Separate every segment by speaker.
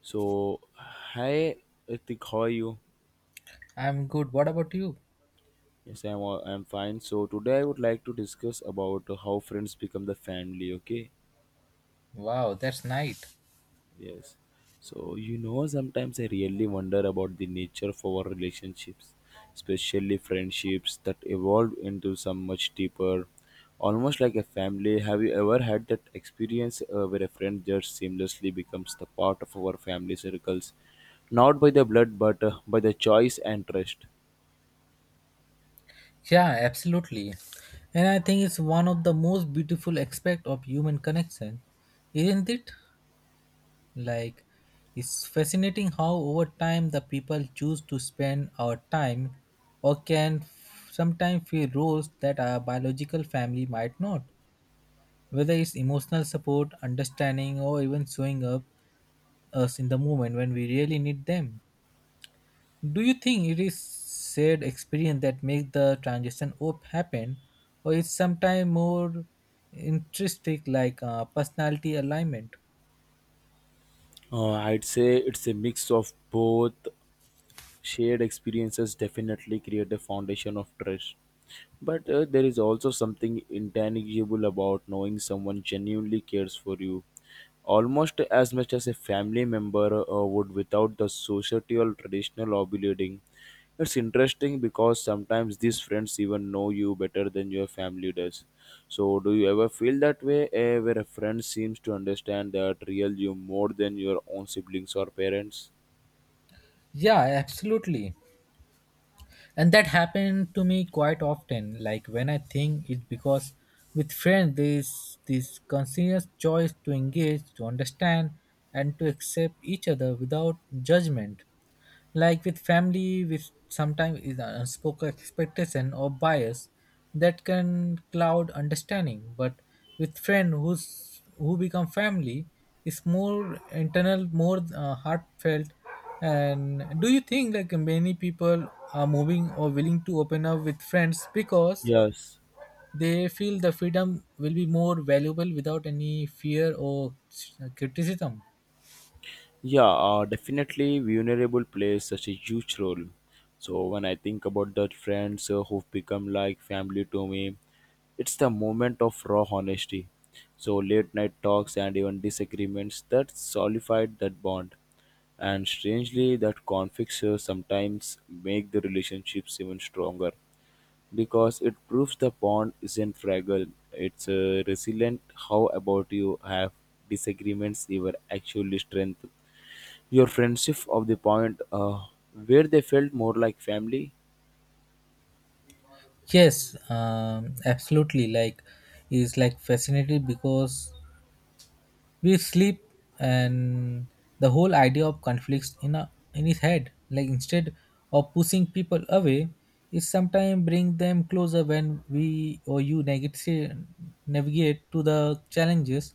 Speaker 1: So, hi Ritik, how are you?
Speaker 2: I'm good. What about you?
Speaker 1: Yes, I'm fine. So today I would like to discuss about how friends become the family. Okay,
Speaker 2: Wow, that's nice.
Speaker 1: yes. So sometimes I really wonder about the nature of our relationships, especially friendships that evolve into some much deeper, almost like a family. Have you ever had that experience where a friend just seamlessly becomes the part of our family circles, not by the blood but by the choice and trust?
Speaker 2: Yeah, absolutely. And I think it's one of the most beautiful aspect of human connection, isn't it? Like, it's fascinating how over time the people choose to spend our time or can sometimes fill roles that our biological family might not. Whether it's emotional support, understanding, or even showing up us in the moment when we really need them. Do you think it is shared experience that makes the transition op happen, or is sometimes more intrinsic, like personality alignment?
Speaker 1: I'd say it's a mix of both shared experiences definitely create a foundation of trust but there is also something intangible about knowing someone genuinely cares for you almost as much as a family member would without the societal traditional obligating. It's interesting because sometimes these friends even know you better than your family does. So do you ever feel that way where a friend seems to understand that real you more than your own siblings or parents?
Speaker 2: Yeah, absolutely. And that happened to me quite often. Like when I think it's because with friends there is this continuous choice to engage, to understand, and to accept each other without judgment. Like with family with sometimes is an unspoken expectation or bias that can cloud understanding, but with friend who's who become family is more internal, more heartfelt. And do you think like many people are moving or willing to open up with friends because
Speaker 1: Yes.
Speaker 2: they feel the freedom will be more valuable without any fear or criticism?
Speaker 1: Yeah, definitely vulnerable plays such a huge role. So when I think about the friends who've become like family to me, it's the moment of raw honesty. So late night talks and even disagreements that solidified that bond. And strangely, that conflicts sometimes make the relationships even stronger because it proves the bond isn't fragile. It's resilient. How about you, have disagreements ever actually strengthened your friendship of the point where they felt more like family?
Speaker 2: Yes, absolutely. Like, it's like fascinating because we sleep and the whole idea of conflicts in a, in his head. Like instead of pushing people away, it sometimes bring them closer when we or you navigate to the challenges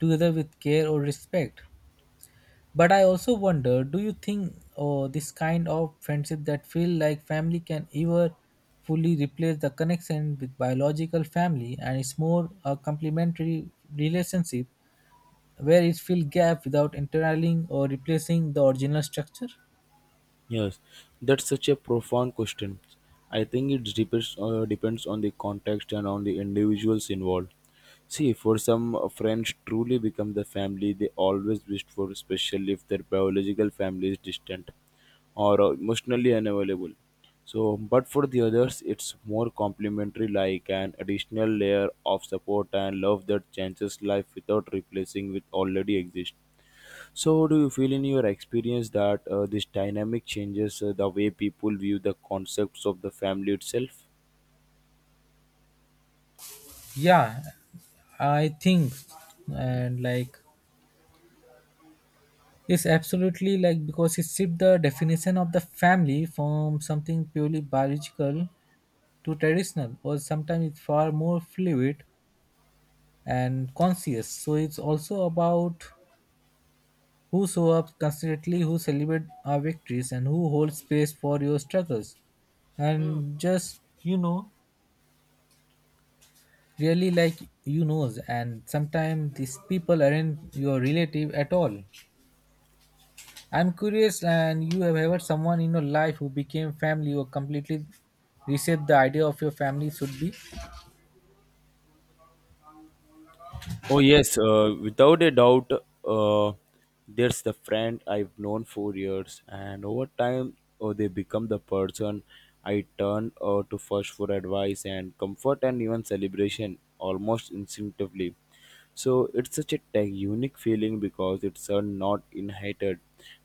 Speaker 2: together with care or respect. But I also wonder, do you think oh, this kind of friendship that feel like family can ever fully replace the connection with biological family, and it's more a complementary relationship where it fill gap without entering or replacing the original structure?
Speaker 1: Yes, that's such a profound question. I think it depends on the context and on the individuals involved. See, for some friends truly become the family they always wished for, especially if their biological family is distant or emotionally unavailable. So, but for the others, it's more complementary, like an additional layer of support and love that changes life without replacing with already exist. So, do you feel in your experience that this dynamic changes the way people view the concepts of the family itself?
Speaker 2: Yeah, I think and like it's absolutely like because it shift the definition of the family from something purely biological to traditional, or sometimes it's far more fluid and conscious. So it's also about who show up constantly, who celebrate our victories, and who hold space for your struggles. And just really like you knows. And sometimes these people aren't your relative at all. I'm curious, and you have ever someone in your life who became family or completely reset the idea of your family should be?
Speaker 1: Oh yes, without a doubt, uh, there's the friend I've known for years, and over time, oh, they become the person I turn to first for advice and comfort and even celebration almost instinctively. So it's such a tech unique feeling because it's not inherited.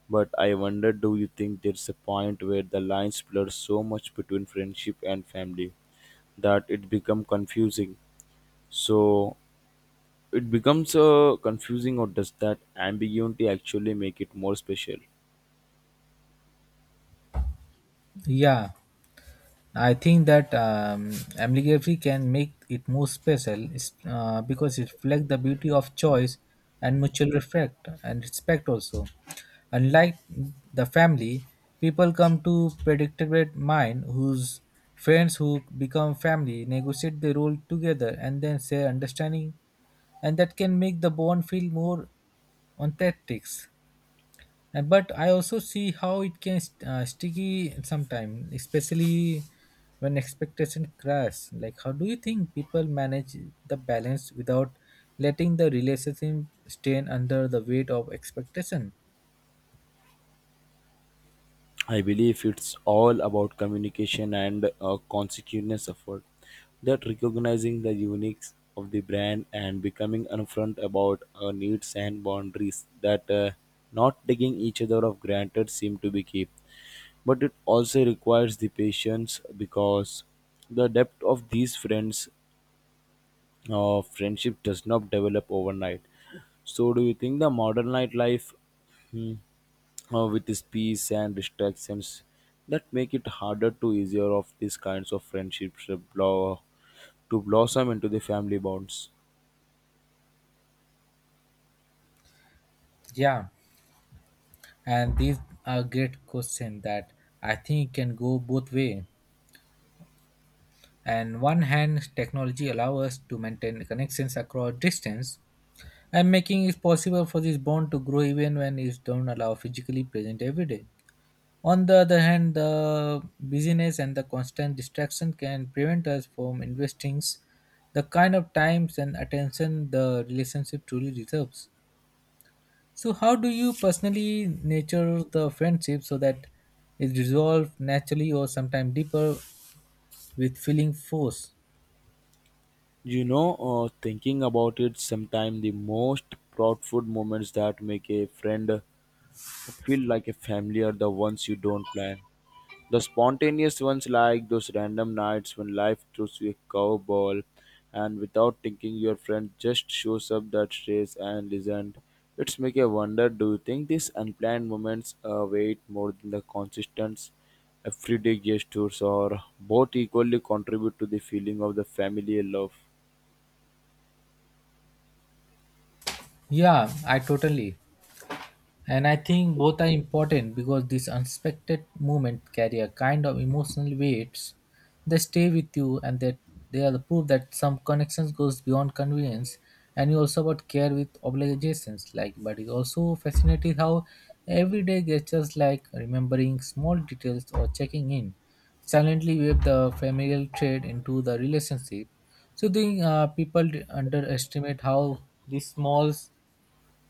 Speaker 1: But I wonder, do you think there's a point where the lines blur so much between friendship and family that it become confusing? So it becomes confusing, or does that ambiguity actually make it more special?
Speaker 2: Yeah. I think that ambiguity can make it more special because it reflects the beauty of choice and mutual respect and respect also. Unlike the family, people come to predictable mind whose friends who become family negotiate the role together and then share understanding, and that can make the bond feel more authentic. But I also see how it can sticky sometime, especially when expectation crash. Like how do you think people manage the balance without letting the relationship strain under the weight of expectation?
Speaker 1: I believe it's all about communication and conscientious effort, that recognizing the uniques of the brand and becoming upfront about needs and boundaries, that not taking each other of granted seem to be key. But it also requires the patience because the depth of these friendship does not develop overnight. So, do you think the modern nightlife, hmm, with its peace and distractions, that make it harder to easier of these kinds of friendships to to blossom into the family bonds?
Speaker 2: Yeah, and these are great question that I think can go both way. And one hand technology allow us to maintain connections across distance and making it possible for this bond to grow even when it don't allow physically present every day. On the other hand, the busyness and the constant distraction can prevent us from investing the kind of times and attention the relationship truly deserves. So, how do you personally nurture the friendship so that it resolves naturally or sometimes deeper with feeling force?
Speaker 1: You know, thinking about it, sometimes the most proudful moments that make a friend feel like a family are the ones you don't plan. The spontaneous ones, like those random nights when life throws you a curveball and without thinking, your friend just shows up that stays and isn't. It's make you wonder, do you think these unplanned moments weight more than the consistent everyday gestures, or both equally contribute to the feeling of the familiar love?
Speaker 2: Yeah, I totally. And I think both are important because these unexpected moments carry a kind of emotional weight. They stay with you, and that they are the proof that some connections goes beyond convenience and you also about care with obligations, like but it's also fascinating how everyday gestures like remembering small details or checking in silently weave the familial thread into the relationship. So I think people underestimate how these small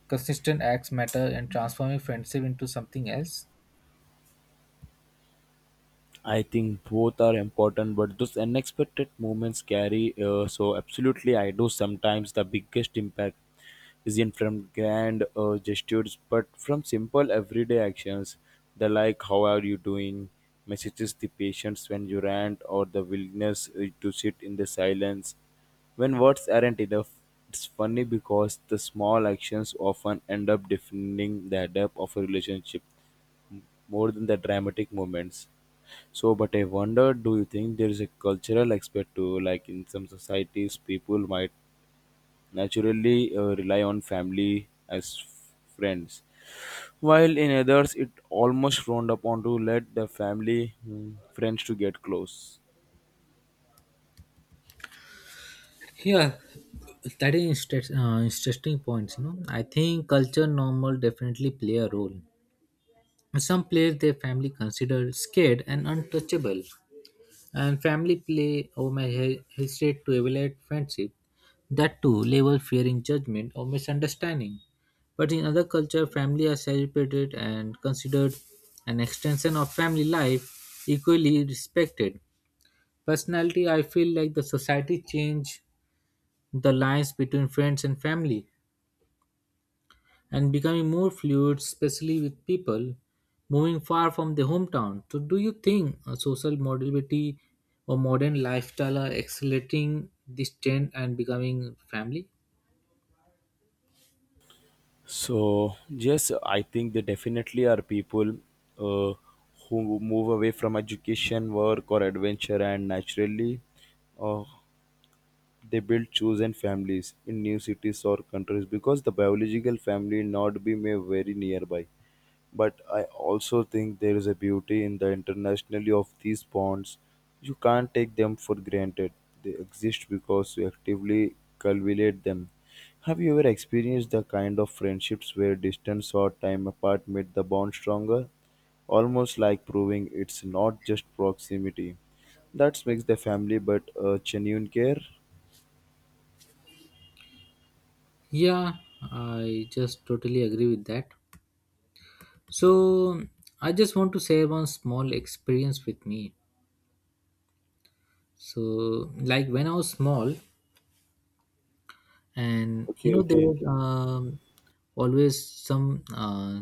Speaker 2: consistent acts matter and transforming friendship into something else.
Speaker 1: I think both are important, but those unexpected moments carry. So, absolutely, I do. Sometimes the biggest impact isn't from grand gestures, but from simple everyday actions. The like, how are you doing? Messages, the patience when you rant, or the willingness to sit in the silence. When words aren't enough, it's funny because the small actions often end up defining the depth of a relationship more than the dramatic moments. So, but I wonder, do you think there is a cultural aspect to, like in some societies, people might naturally rely on family as friends, while in others it almost frowned upon to let the family friends to get close.
Speaker 2: Yeah, that is interest, interesting points. You know, I think culture normal definitely play a role. In some place, their family considered scared and untouchable, and family play or my hesitate to evaluate friendship. That too level fearing judgment or misunderstanding. But in other culture, family are celebrated and considered an extension of family life, equally respected. Personality, I feel like the society change the lines between friends and family and becoming more fluid, especially with people moving far from their hometown. So, do you think social mobility or modern lifestyle are accelerating this trend and becoming family?
Speaker 1: So, yes, I think there definitely are people uh, who move away from education, work, or adventure, and naturally uh, They build chosen families in new cities or countries because the biological family not be may very nearby. But I also think there is a beauty in the internationally of these bonds. You can't take them for granted. They exist because you actively cultivate them. Have you ever experienced the kind of friendships where distance or time apart made the bond stronger? Almost like proving it's not just proximity. That makes the family but a genuine care.
Speaker 2: Yeah, I just totally agree with that. So, I just want to share one small experience with me. So, like when I was small, and you
Speaker 1: Okay,
Speaker 2: know there
Speaker 1: okay.
Speaker 2: was always some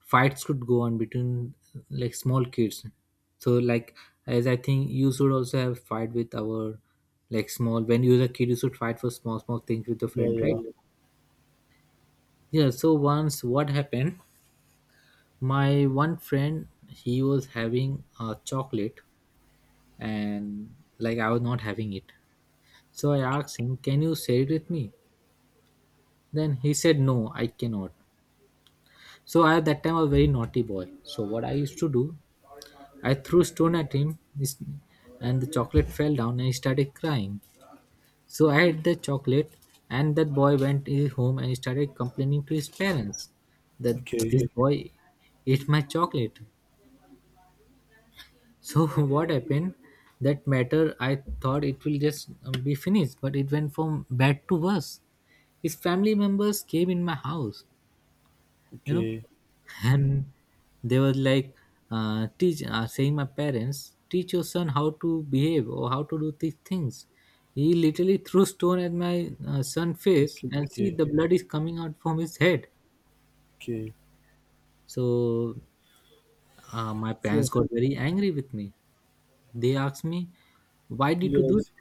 Speaker 2: fights could go on between like small kids. So like as I think you should also have fight with our like small when you were a kid you should fight for small small things with your
Speaker 1: Yeah,
Speaker 2: friend,
Speaker 1: yeah.
Speaker 2: right? Yeah, so once what happened, my one friend he was having a chocolate, and like I was not having it, so I asked him can you share it with me. Then he said no I cannot. So I at that time I was a very naughty boy. So what I used to do, I threw stone at him, and the chocolate fell down and he started crying. So I had the chocolate, and that boy went his home and he started complaining to his parents that
Speaker 1: Okay,
Speaker 2: this boy ate my chocolate. So what happened? That matter I thought it will just be finished, but it went from bad to worse. His family members came in my house, you know,
Speaker 1: okay,
Speaker 2: and they were like teach saying my parents teach your son how to behave or how to do these things. He literally threw stone at my son face
Speaker 1: okay,
Speaker 2: and see
Speaker 1: okay,
Speaker 2: the blood is coming out from his head.
Speaker 1: okay.
Speaker 2: So my parents
Speaker 1: So
Speaker 2: got very angry with me. They asked me why did you do.
Speaker 1: yes,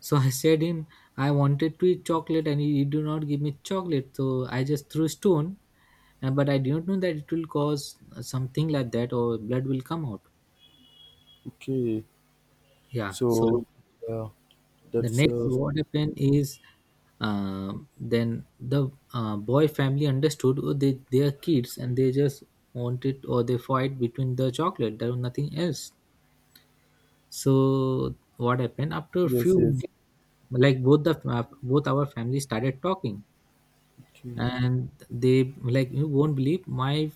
Speaker 2: So I said him, I wanted to eat chocolate and he do not give me chocolate. So I just threw stone, but I didn't know that it will cause something like that or blood will come out.
Speaker 1: okay.
Speaker 2: Yeah.
Speaker 1: So
Speaker 2: So
Speaker 1: yeah,
Speaker 2: the
Speaker 1: that's
Speaker 2: next
Speaker 1: also
Speaker 2: what happened is then the boy family understood oh, they are kids and they just wanted or they fight between the chocolate. There was nothing else. So what happened after a
Speaker 1: yes,
Speaker 2: few
Speaker 1: yes.
Speaker 2: minutes, like both the both our family started talking
Speaker 1: Okay,
Speaker 2: and they like you won't believe my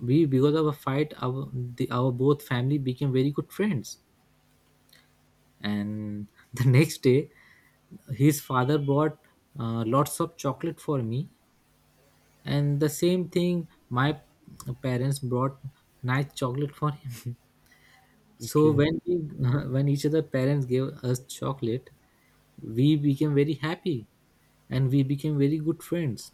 Speaker 2: we because of a fight our our both family became very good friends and the next day his father bought lots of chocolate for me and the same thing my parents brought nice chocolate for him so
Speaker 1: okay,
Speaker 2: when we when each other parents gave us chocolate we became very happy and we became very good friends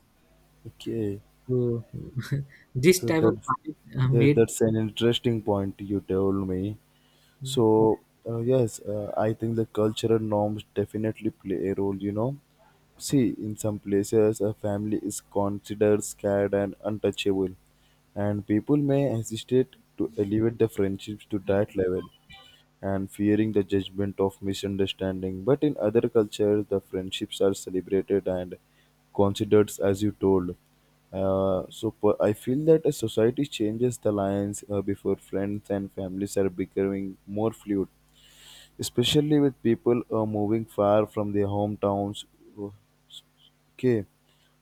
Speaker 1: okay.
Speaker 2: so this
Speaker 1: So
Speaker 2: type of
Speaker 1: that's
Speaker 2: fight
Speaker 1: yes,
Speaker 2: made.
Speaker 1: that's an interesting point you told me. So, yes, I think the cultural norms definitely play a role. You know, see, in some places, a family is considered scared and untouchable, and people may hesitate to elevate the friendships to that level and fearing the judgment of misunderstanding. But in other cultures, the friendships are celebrated and considered, as you told. So I feel that a society changes the lines before friends and families are becoming more fluid, especially with people moving far from their hometowns. Okay,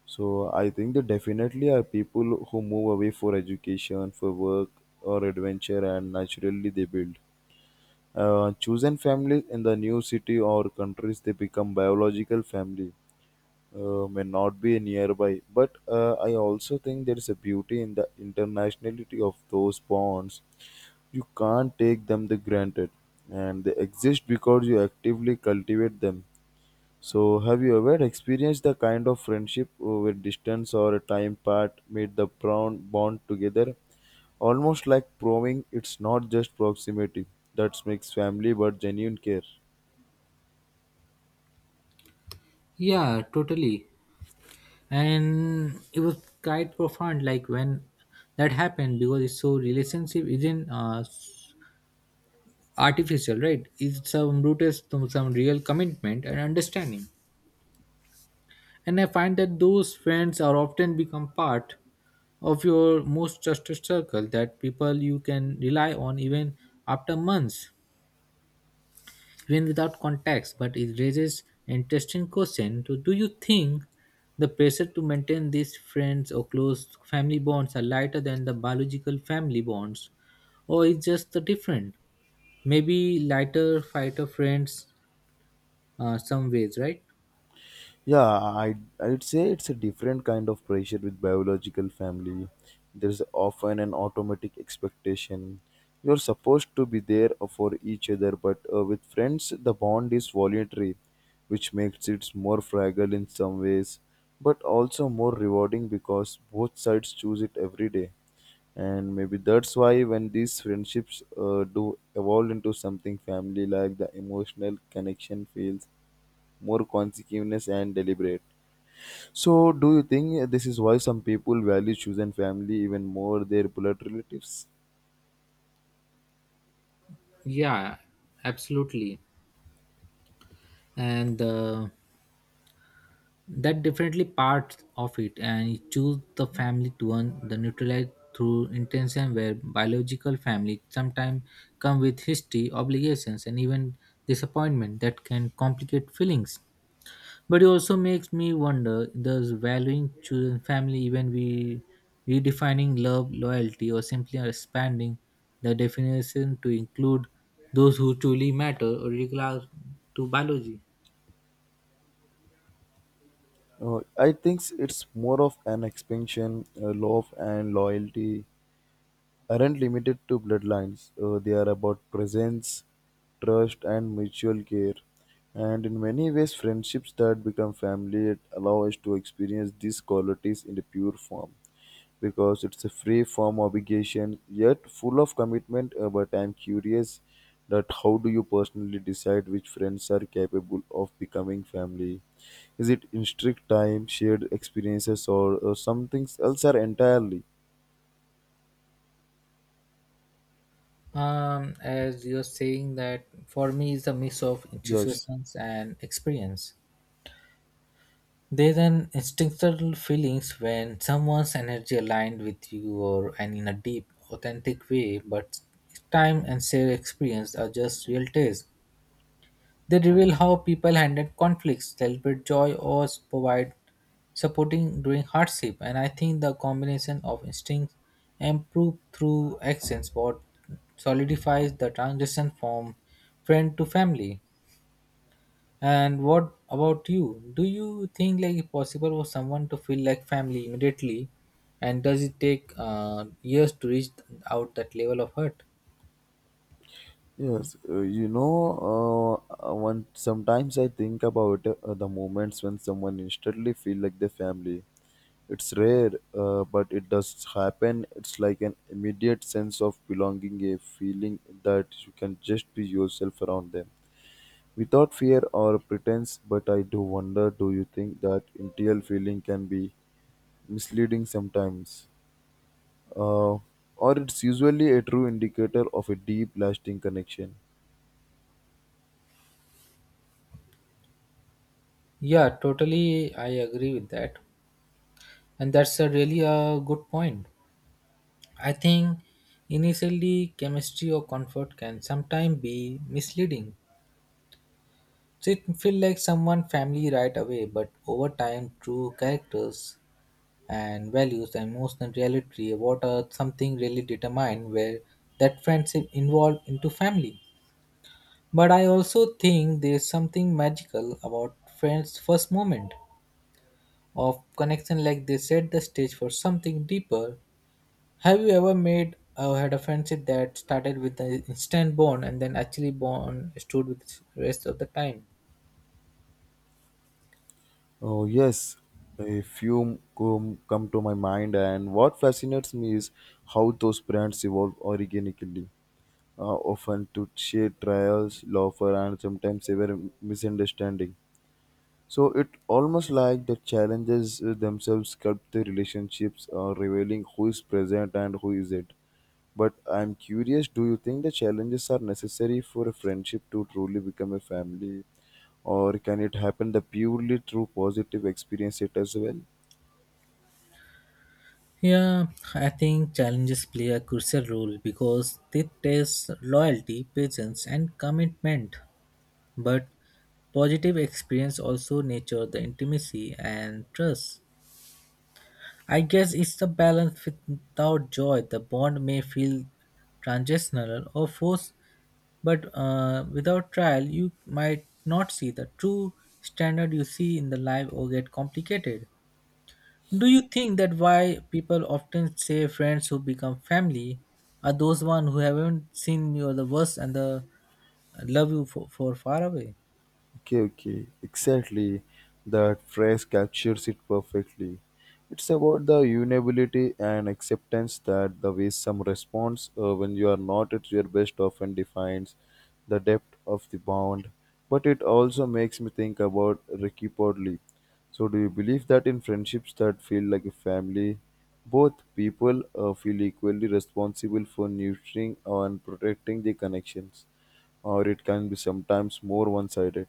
Speaker 1: so I think there definitely are people who move away for education, for work or adventure, and naturally they build. Chosen families in the new city or countries they become biological family may not be nearby, but I also think there is a beauty in the internationality of those bonds. You can't take them the granted, and they exist because you actively cultivate them. So, have you ever experienced the kind of friendship where distance or time part made the bond together, almost like proving it's not just proximity that makes family but genuine care?
Speaker 2: Yeah, totally. And it was quite profound, like when that happened, because it's so relationship isn't artificial, right? It's some rooted to some real commitment and understanding. And I find that those friends are often become part of your most trusted circle, that people you can rely on even after months, even without context. But it raises an interesting question. So, do you think the pressure to maintain these friends or close family bonds are lighter than the biological family bonds, or is just the different? Maybe lighter fighter friends, some ways, right?
Speaker 1: Yeah, I'd say it's a different kind of pressure with biological family. There's often an automatic expectation. You're supposed to be there for each other, but with friends, the bond is voluntary, which makes it more fragile in some ways, but also more rewarding because both sides choose it every day. And maybe that's why when these friendships do evolve into something family like, the emotional connection feels more consequential and deliberate. So, do you think this is why some people value chosen family even more their blood relatives?
Speaker 2: Yeah, absolutely. And that definitely part of it and you choose the family to earn the neutralize through intention where biological family sometimes come with history obligations and even disappointment that can complicate feelings. But it also makes me wonder does valuing children family even we redefining love loyalty or simply expanding the definition to include those who truly matter or regard to biology?
Speaker 1: I think it's more of an expansion. Love and loyalty aren't limited to bloodlines. They are about presence, trust, and mutual care. And in many ways, friendships that become family allow us to experience these qualities in a pure form, because it's a free form obligation yet full of commitment. But I'm curious, that how do you personally decide which friends are capable of becoming family? Is it in strict time shared experiences, or something else are entirely?
Speaker 2: As you're saying that for me is a mix of
Speaker 1: Yes.
Speaker 2: intuitions and experience. There's an instinctual feelings when someone's energy aligned with you or and in a deep, authentic way, but time and shared experience are just real taste. They reveal how people handle conflicts, celebrate joy, or provide supporting during hardship. And I think the combination of instincts and proof through actions what solidifies the transition from friend to family. And what about you? Do you think like it's possible for someone to feel like family immediately? And does it take years to reach out that level of hurt?
Speaker 1: Yes, you know, one sometimes I think about the moments when someone instantly feel like the family. It's rare, but it does happen. It's like an immediate sense of belonging, a feeling that you can just be yourself around them without fear or pretense. But I do wonder, do you think that interior feeling can be misleading sometimes? Uh, or it's usually a true indicator of a deep, lasting connection?
Speaker 2: Yeah, totally. I agree with that. And that's a really a good point. I think initially chemistry or comfort can sometimes be misleading. So it feel like someone family right away, but over time true characters and values and emotional reality what are something really determine where that friendship involved into family. But I also think there's something magical about friends' first moment of connection like they set the stage for something deeper. Have you ever made or had a friendship that started with an instant bond and then actually bond stood with the rest of the time?
Speaker 1: Oh, yes. A few come to my mind, and what fascinates me is how those brands evolve organically, often to share trials, laughter, and sometimes severe misunderstanding. So it almost like the challenges themselves sculpt the relationships, revealing who is present and who isn't. But I'm curious, do you think the challenges are necessary for a friendship to truly become a family, or can it happen the purely through positive experience it as well?
Speaker 2: Yeah, I think challenges play a crucial role because they test loyalty, patience, and commitment. But positive experience also nurture the intimacy and trust. I guess it's the balance without joy. The bond may feel transitional or forced. But without trial, you might not see the true standard you see in the live or get complicated. Do you think that why people often say friends who become family are those ones who haven't seen you the worst and the love you for far away?
Speaker 1: Okay, okay, exactly. That phrase captures it perfectly. It's about the unability and acceptance that the way some response when you are not at your best often defines the depth of the bond. But it also makes me think about Ricky Podley. So, do you believe that in friendships that feel like a family, both people feel equally responsible for nurturing and protecting the connections, or it can be sometimes more one sided?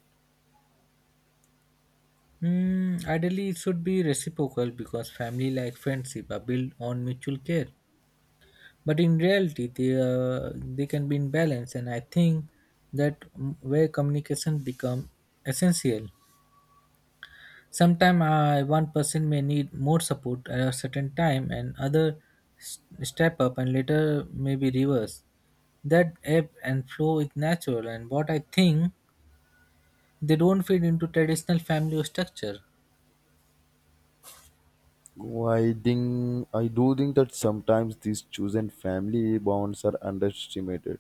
Speaker 2: Mm, ideally, it should be reciprocal because family like friendship are built on mutual care. But in reality, they can be in balance, and I think that mm, where communication become essential. Sometimes one person may need more support at a certain time, and other step up, and later may be reversed. That ebb and flow is natural, and what I think they don't fit into traditional family structure.
Speaker 1: Oh, I do think that sometimes these chosen family bonds are underestimated,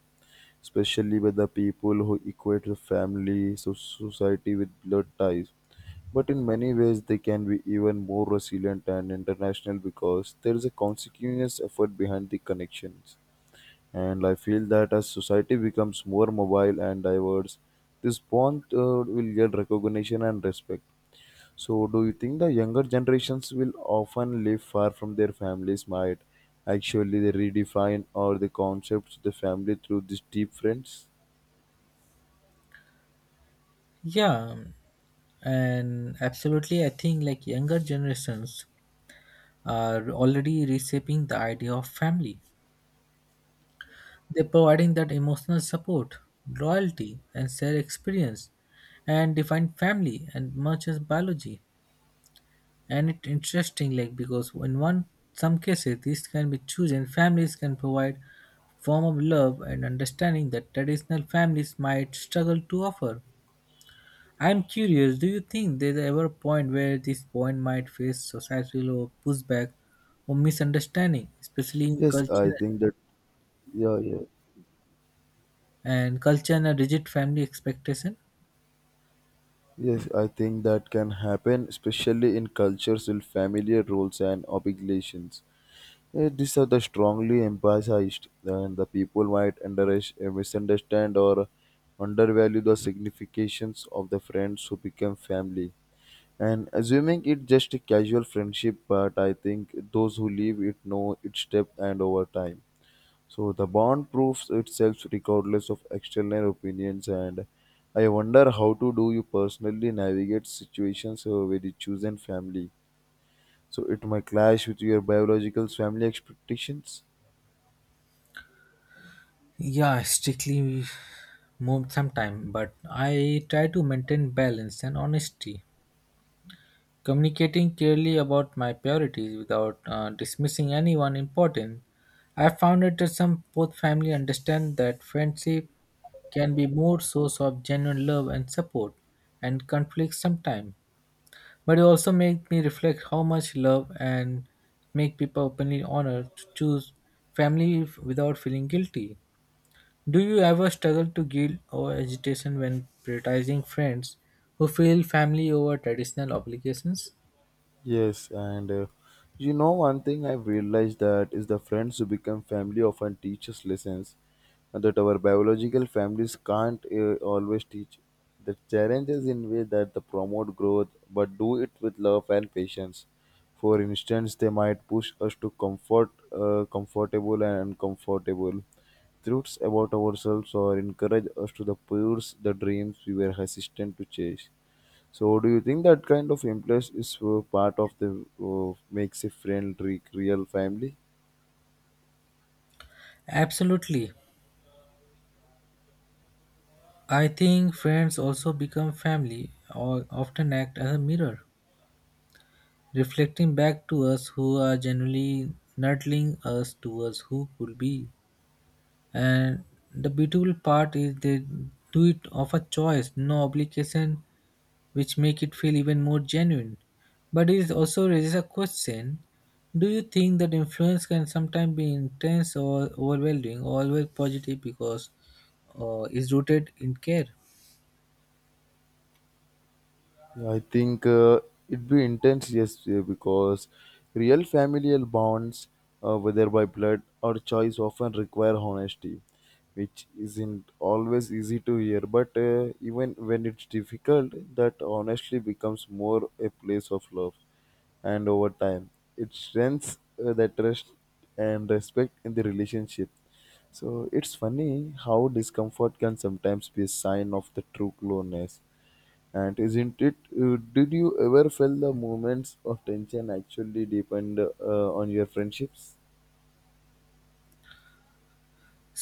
Speaker 1: especially with the people who equate the family so society with blood ties. But in many ways, they can be even more resilient and international because there is a continuous effort behind the connections. And I feel that as society becomes more mobile and diverse, this bond will get recognition and respect. So, do you think the younger generations will often live far from their families might actually they redefine or the concepts of the family through these deep friends?
Speaker 2: Yeah, and absolutely, I think like younger generations are already reshaping the idea of family. They're providing that emotional support, loyalty, and shared experience, and define family and much as biology. And it's interesting like because in one some cases these can be chosen families can provide form of love and understanding that traditional families might struggle to offer. I'm curious, do you think there's ever a point where this point might face societal or pushback or misunderstanding, especially in
Speaker 1: Yes, I
Speaker 2: culture
Speaker 1: think that, yeah, yeah.
Speaker 2: and culture and a rigid family expectation?
Speaker 1: Yes, I think that can happen, especially in cultures with familiar roles and obligations. These are the strongly emphasized, and the people might misunderstand or undervalue the significations of the friends who become family, and assuming it's just a casual friendship. But I think those who leave it know its depth and over time. So the bond proves itself regardless of external opinions, and I wonder how to do you personally navigate situations with your chosen family. So it might clash with your biological family expectations.
Speaker 2: Yeah, strictly moved sometime, but I try to maintain balance and honesty, communicating clearly about my priorities without dismissing anyone important. I found it that some both family understand that friendship can be more source of genuine love and support and conflict sometimes. But it also made me reflect how much love and make people openly honored to choose family without feeling guilty. Do you ever struggle to guilt or agitation when prioritizing friends who feel family over traditional obligations?
Speaker 1: Yes, and you know, one thing I've realized that is the friends who become family often teach us lessons that our biological families can't always teach. The challenge is in way that they promote growth, but do it with love and patience. For instance, they might push us to comfortable and uncomfortable truths about ourselves, or encourage us to the pursue the dreams we were hesitant to chase. So, do you think that kind of influence is part of the makes a friend real family?
Speaker 2: Absolutely. I think friends also become family or often act as a mirror, reflecting back to us who are generally nudging us towards who could be. And the beautiful part is they do it of a choice, no obligation, which make it feel even more genuine. But it also raises a question. Do you think that influence can sometimes be intense or overwhelming or always positive because it's rooted in care?
Speaker 1: I think it'd be intense, yes, because real familial bonds, whether by blood or choice, often require honesty, which isn't always easy to hear. But even when it's difficult, that honestly becomes more a place of love, and over time, it strengthens that trust and respect in the relationship. So it's funny how discomfort can sometimes be a sign of the true closeness, and isn't it? Did you ever feel the moments of tension actually depend on your friendships?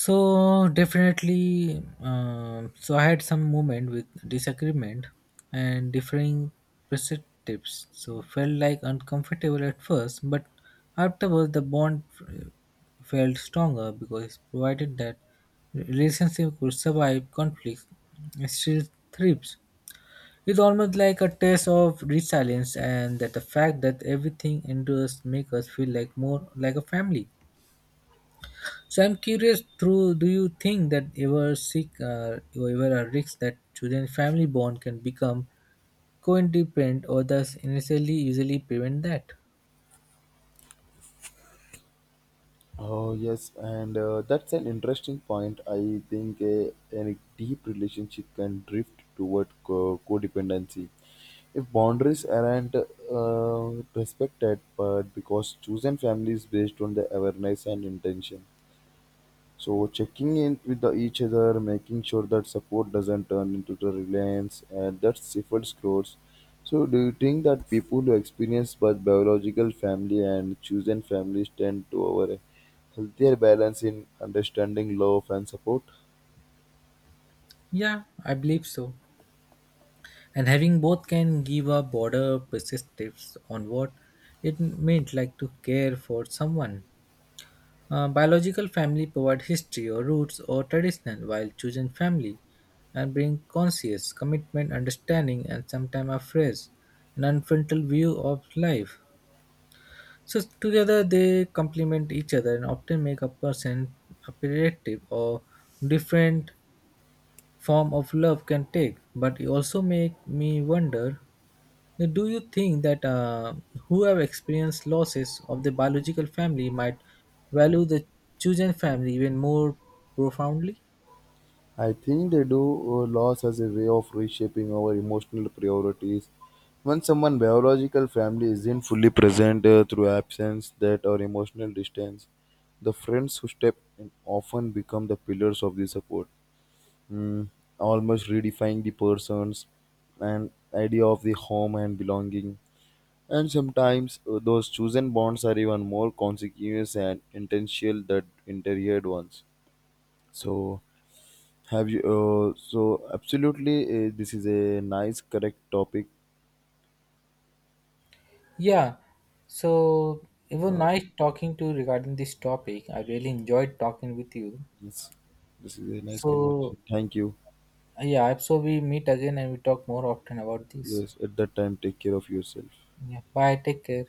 Speaker 2: So definitely, so I had some moment with disagreement and differing perspectives, so felt like uncomfortable at first, but afterwards the bond felt stronger because it provided that relationship could survive conflicts and still thrives. It's almost like a test of resilience, and that the fact that everything endures makes us feel like more like a family. So I'm curious. Through, do you think that ever sick or ever a risk that children family bond can become co-independent or thus initially usually prevent that?
Speaker 1: Oh yes, and that's an interesting point. I think a deep relationship can drift toward codependency if boundaries aren't respected, but because chosen families based on the awareness and intention. So checking in with each other, making sure that support doesn't turn into the reliance, and that stifles growth. So do you think that people who experience both biological family and chosen families tend to over a healthier balance in understanding love and support?
Speaker 2: Yeah, I believe so. And having both can give a broader perspectives on what it meant like to care for someone. Biological family provide history or roots or tradition, while chosen family and bring conscious commitment, understanding, and sometimes a phrase, an unfrontal view of life. So together they complement each other and often make a person appreciative or different form of love can take. But it also make me wonder, do you think that who have experienced losses of the biological family might value the chosen family even more profoundly?
Speaker 1: I think they do. Loss as a way of reshaping our emotional priorities. When someone biological family isn't fully present through absence, that or emotional distance, the friends who step in often become the pillars of the support, mm, almost redefining the persons and idea of the home and belonging. And sometimes those chosen bonds are even more consequential and intentional than interior ones. So have you? So absolutely, this is a nice, correct topic.
Speaker 2: Yeah, so it was
Speaker 1: Uh,
Speaker 2: nice talking to you regarding this topic. I really enjoyed talking with you.
Speaker 1: this, this is a nice
Speaker 2: So
Speaker 1: conversation. Thank you.
Speaker 2: yeah, I hope so we meet again and we talk more often about this.
Speaker 1: Yes, at that time, take care of yourself.
Speaker 2: Yeah, bye. Take care.